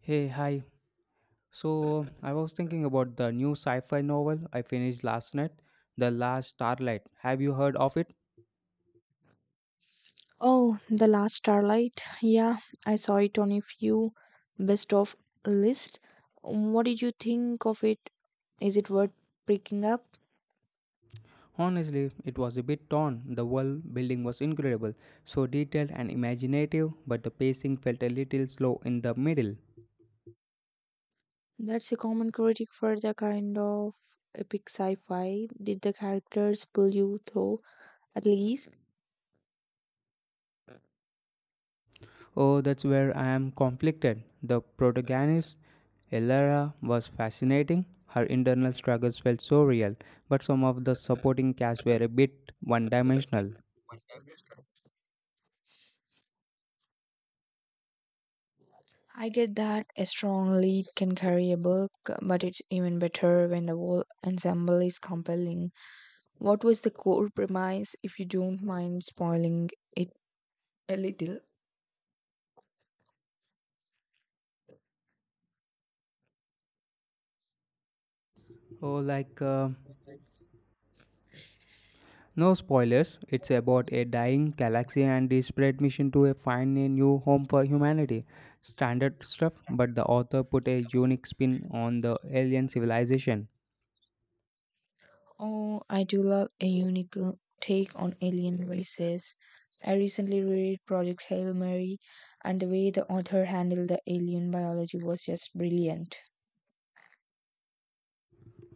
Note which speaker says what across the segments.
Speaker 1: Hey, hi. So, I was thinking about the new sci fi novel I finished last night, The Last Starlight. Have you heard of it?
Speaker 2: Oh, The Last Starlight. Yeah, I saw it on a few best of list. What did you think of it? Is it worth picking up?
Speaker 1: Honestly, it was a bit torn. The world building was incredible, so detailed and imaginative, but the pacing felt a little slow in the middle.
Speaker 2: That's a common critic for the kind of epic sci-fi. Did the characters pull you through at least?
Speaker 1: Oh, that's where I am conflicted. The protagonist, Elara, was fascinating. Her internal struggles felt so real, but some of the supporting cast were a bit one dimensional.
Speaker 2: I get that a strong lead can carry a book, but it's even better when the whole ensemble is compelling. What was the core premise, if you don't mind spoiling it a little?
Speaker 1: Oh, like. Uh, No spoilers, it's about a dying galaxy and its desperate mission to find a new home for humanity. Standard stuff, but the author put a unique spin on the alien civilization.
Speaker 2: Oh, I do love a unique take on alien races. I recently read Project Hail Mary, and the way the author handled the alien biology was just brilliant.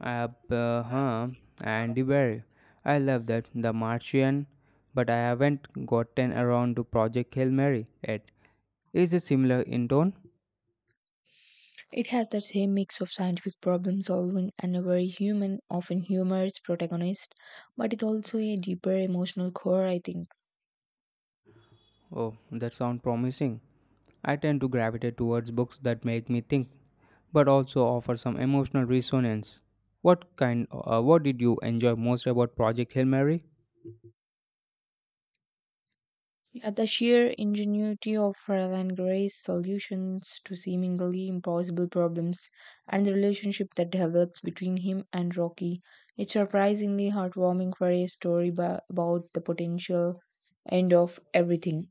Speaker 1: Abraham and Dewey. I love that, The Martian, but I haven't gotten around to Project Hail Mary yet. Is it similar in tone?
Speaker 2: It has that same mix of scientific problem solving and a very human, often humorous protagonist, but it also a deeper emotional core, I think.
Speaker 1: Oh, that sounds promising. I tend to gravitate towards books that make me think, but also offer some emotional resonance. What kind? What did you enjoy most about Project Hail Mary
Speaker 2: Yeah, the sheer ingenuity of Fräulein Gray's solutions to seemingly impossible problems and the relationship that develops between him and Rocky. It's surprisingly heartwarming for a story about the potential end of everything.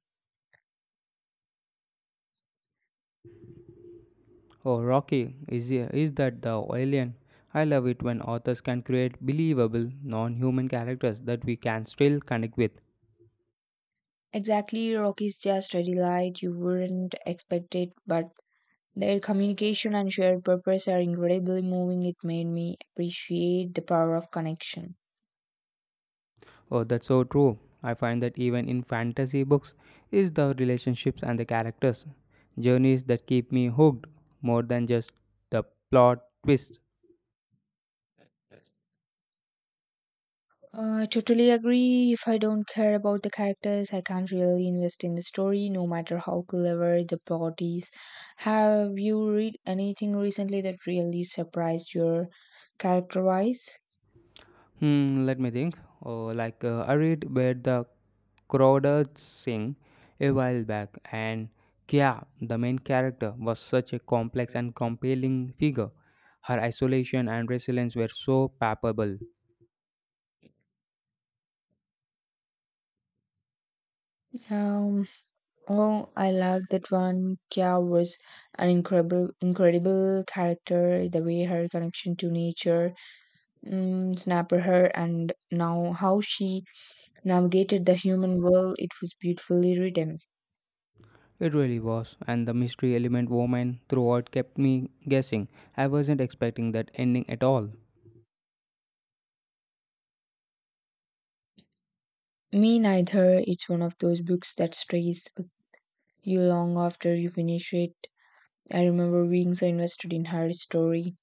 Speaker 1: or Rocky? Is that the alien? I love it when authors can create believable, non-human characters that we can still connect with.
Speaker 2: Exactly, Rocky's just a delight. You wouldn't expect it, but their communication and shared purpose are incredibly moving. It made me appreciate the power of connection.
Speaker 1: Oh, that's so true. I find that even in fantasy books, is the relationships and the characters journeys that keep me hooked more than just the plot twist.
Speaker 2: I totally agree. If I don't care about the characters, I can't really invest in the story, no matter how clever the plot is. Have you read anything recently that really surprised your character wise?
Speaker 1: Let me think. I read where the crowded sing a while back, and Kya, the main character, was such a complex and compelling figure. Her isolation and resilience were so palpable.
Speaker 2: Um, oh, I loved that one. Kya was an incredible character. The way her connection to nature, mm, snapper her, and now how she navigated the human world, it was beautifully written.
Speaker 1: It really was, and the mystery element woman throughout kept me guessing. I wasn't expecting that ending at all.
Speaker 2: Me neither. It's one of those books that stays with you long after you finish it. I remember being so invested in her story.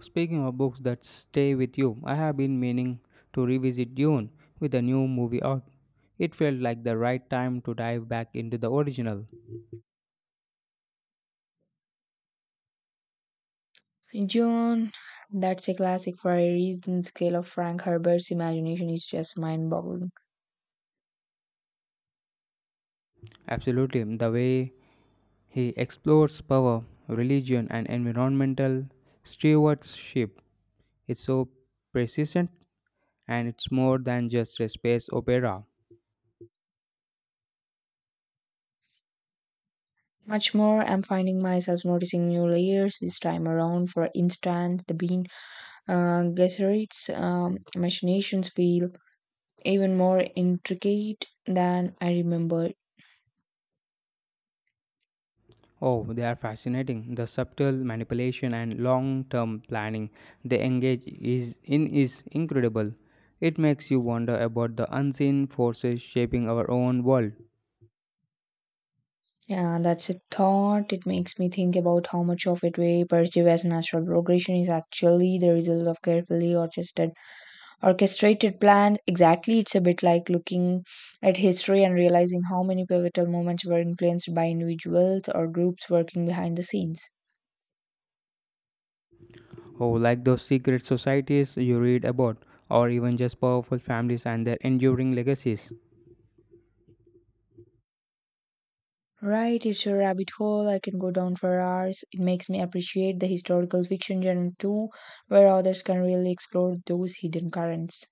Speaker 1: Speaking of books that stay with you, I have been meaning to revisit Dune with a new movie out. It felt like the right time to dive back into the original.
Speaker 2: Joan, that's a classic for a reason. The scale of Frank Herbert's imagination is just mind boggling.
Speaker 1: Absolutely, the way he explores power, religion, and environmental stewardship is so persistent and it's more than just a space opera.
Speaker 2: Much more, I'm finding myself noticing new layers this time around. For instance, the Bean Gesserit's machinations feel even more intricate than I remembered.
Speaker 1: Oh, they are fascinating. The subtle manipulation and long-term planning they engage is in is incredible. It makes you wonder about the unseen forces shaping our own world.
Speaker 2: Yeah, that's a thought. It makes me think about how much of it we perceive as natural progression is actually the result of carefully orchestrated plans. Exactly, it's a bit like looking at history and realizing how many pivotal moments were influenced by individuals or groups working behind the scenes.
Speaker 1: Oh, like those secret societies you read about, or even just powerful families and their enduring legacies.
Speaker 2: Right, it's a rabbit hole. I can go down for hours. It makes me appreciate the historical fiction genre too, where authors can really explore those hidden currents.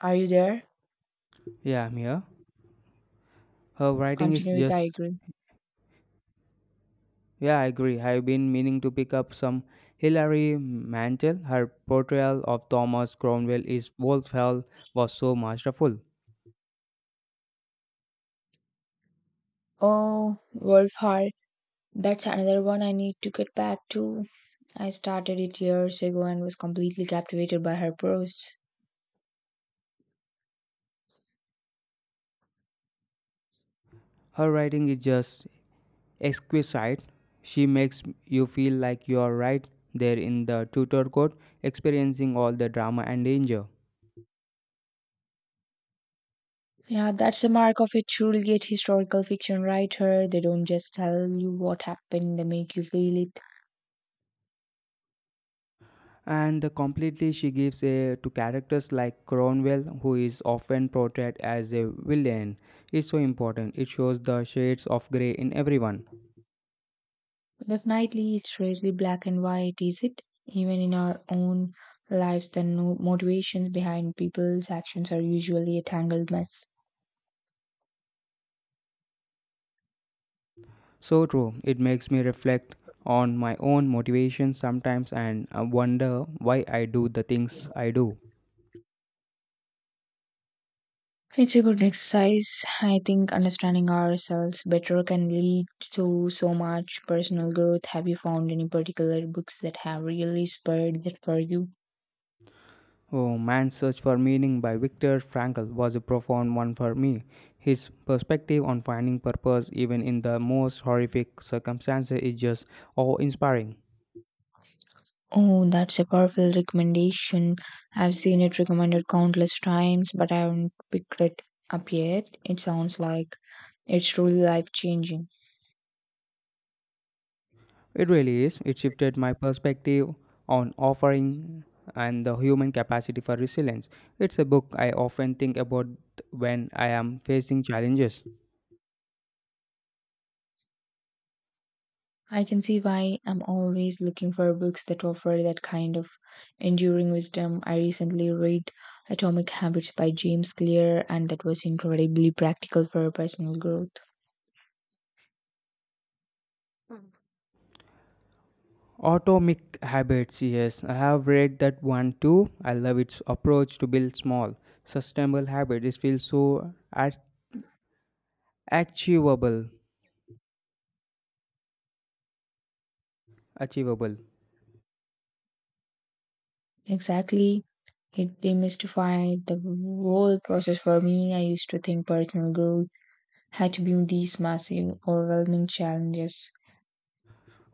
Speaker 2: Are you there?
Speaker 1: Yeah, I'm here. Her writing is
Speaker 2: Continue it, I
Speaker 1: just.
Speaker 2: agree.
Speaker 1: Yeah, I agree. I've been meaning to pick up some Hilary Mantel. Her portrayal of Thomas Cromwell is Wolf Hell was so masterful.
Speaker 2: Oh, Wolf Hall. That's another one I need to get back to. I started it years ago and was completely captivated by her prose.
Speaker 1: Her writing is just exquisite. She makes you feel like you are right there in the Tudor court, experiencing all the drama and danger.
Speaker 2: Yeah, that's the mark of a truly great historical fiction writer. They don't just tell you what happened, they make you feel it.
Speaker 1: And the completely, she gives a, to characters like Cromwell, who is often portrayed as a villain, is so important. It shows the shades of grey in everyone.
Speaker 2: Definitely, it's rarely black and white, is it? Even in our own lives, the motivations behind people's actions are usually a tangled mess.
Speaker 1: So true. It makes me reflect on my own motivation sometimes and wonder why I do the things I do.
Speaker 2: It's a good exercise. I think understanding ourselves better can lead to so much personal growth. Have you found any particular books that have really spurred that for you?
Speaker 1: Oh, Man's Search for Meaning by Viktor Frankl was a profound one for me. His perspective on finding purpose even in the most horrific circumstances is just awe inspiring.
Speaker 2: Oh, that's a powerful recommendation. I've seen it recommended countless times, but I haven't picked it up yet. It sounds like it's truly life changing.
Speaker 1: It really is. It shifted my perspective on offering and the human capacity for resilience. It's a book I often think about when I am facing challenges.
Speaker 2: I can see why I'm always looking for books that offer that kind of enduring wisdom. I recently read Atomic Habits by James Clear, and that was incredibly practical for personal growth. Mm.
Speaker 1: Atomic Habits, yes, I have read that one too. I love its approach to build small, sustainable habits. It feels so achievable. Achievable.
Speaker 2: Exactly. It demystified the whole process for me. I used to think personal growth had to be these massive, overwhelming challenges.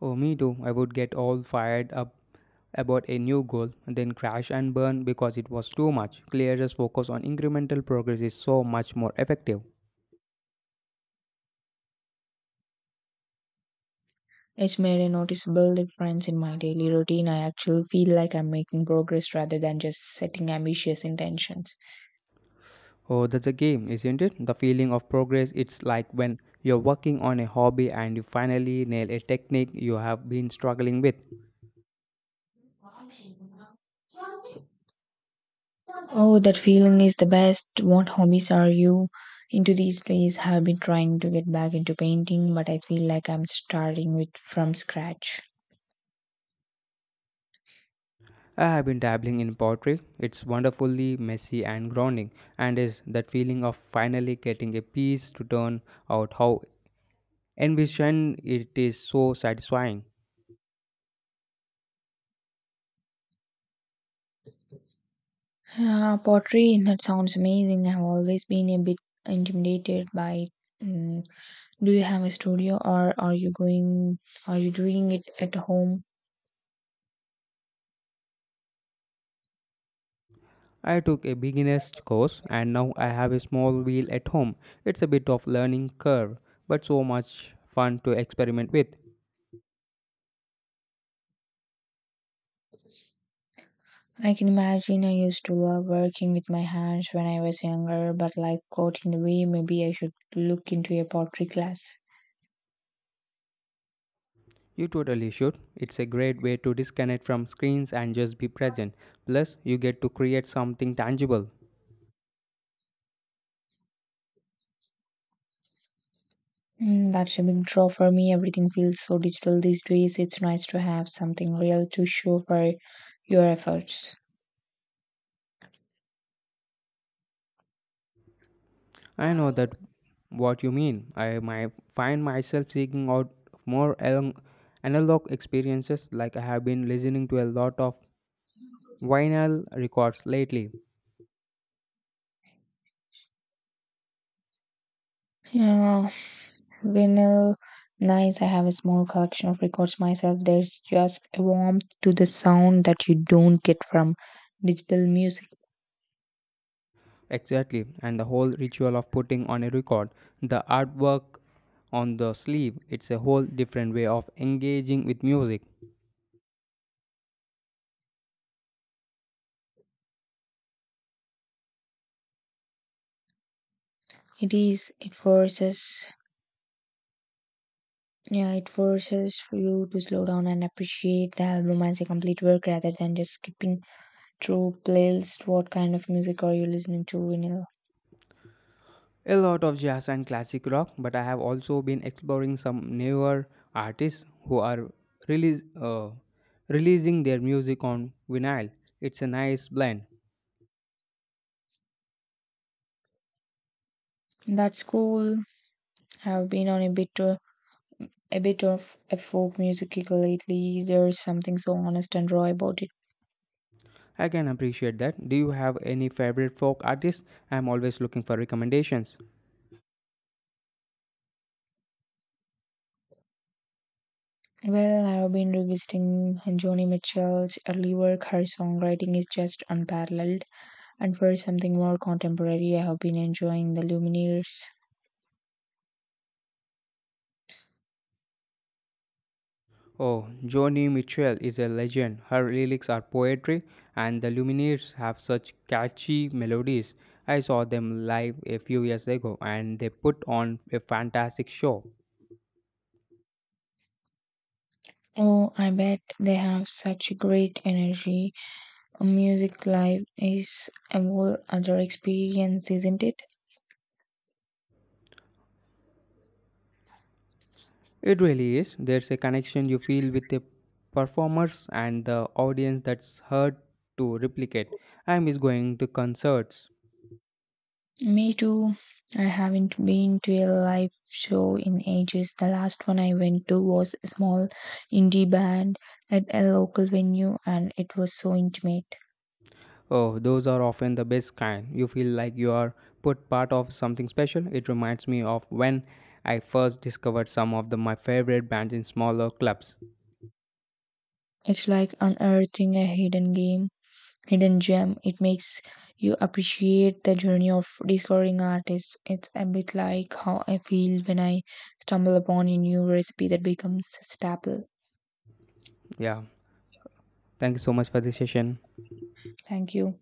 Speaker 1: Oh, me too. I would get all fired up about a new goal, then crash and burn because it was too much. Clearest focus on incremental progress is so much more effective.
Speaker 2: It's made a noticeable difference in my daily routine. I actually feel like I'm making progress rather than just setting ambitious intentions.
Speaker 1: Oh, that's a game, isn't it? The feeling of progress, it's like when you're working on a hobby and you finally nail a technique you have been struggling with.
Speaker 2: Oh, that feeling is the best. What hobbies are you into these days? Have been trying to get back into painting, but I feel like I'm starting with from scratch.
Speaker 1: I have been dabbling in pottery. It's wonderfully messy and grounding, and is that feeling of finally getting a piece to turn out how envisioned it is so satisfying.
Speaker 2: Yeah, pottery, that sounds amazing. I've always been a bit intimidated by it. Mm, do you have a studio or are you doing it at home?
Speaker 1: I took a beginner's course and now I have a small wheel at home. It's a bit of learning curve, but so much fun to experiment with.
Speaker 2: I can imagine I used to love working with my hands when I was younger, but life got in the way. Maybe I should look into a pottery class.
Speaker 1: You totally should. It's a great way to disconnect from screens and just be present. Plus, you get to create something tangible.
Speaker 2: Mm, that's a big draw for me. Everything feels so digital these days. It's nice to have something real to show for your efforts.
Speaker 1: I know that what you mean. I might find myself seeking out more along- analog experiences like I have been listening to a lot of vinyl records lately.
Speaker 2: Yeah, vinyl, nice. I have a small collection of records myself. There's just a warmth to the sound that you don't get from digital music.
Speaker 1: Exactly, and the whole ritual of putting on a record, the artwork on the sleeve, it's a whole different way of engaging with music.
Speaker 2: It is, yeah, it forces for you to slow down and appreciate the album as a complete work rather than just skipping through playlists. What kind of music are you listening to, vinyl?
Speaker 1: A lot of jazz and classic rock, but I have also been exploring some newer artists who are release, uh, releasing their music on vinyl. It's a nice blend.
Speaker 2: That's cool. Have been on a bit of a folk music kick lately. There's something so honest and raw about it.
Speaker 1: I can appreciate that. Do you have any favorite folk artists? I'm always looking for recommendations.
Speaker 2: Well, I have been revisiting Joni Mitchell's early work. Her songwriting is just unparalleled. And for something more contemporary, I have been enjoying the Lumineers.
Speaker 1: Oh, Joni Mitchell is a legend. Her lyrics are poetry, and the Lumineers have such catchy melodies. I saw them live a few years ago, and they put on a fantastic show.
Speaker 2: Oh, I bet they have such great energy. Music live is a whole other experience, isn't it?
Speaker 1: It really is. There's a connection you feel with the performers and the audience that's hard to replicate. I miss going to concerts.
Speaker 2: Me too. I haven't been to a live show in ages. The last one I went to was a small indie band at a local venue and it was so intimate.
Speaker 1: Oh, those are often the best kind. You feel like you are put part of something special. It reminds me of when I first discovered some of the, my favorite bands in smaller clubs.
Speaker 2: It's like unearthing a hidden gem. It makes you appreciate the journey of discovering artists. It's a bit like how I feel when I stumble upon a new recipe that becomes a staple.
Speaker 1: Yeah. Thank you so much for this session.
Speaker 2: Thank you.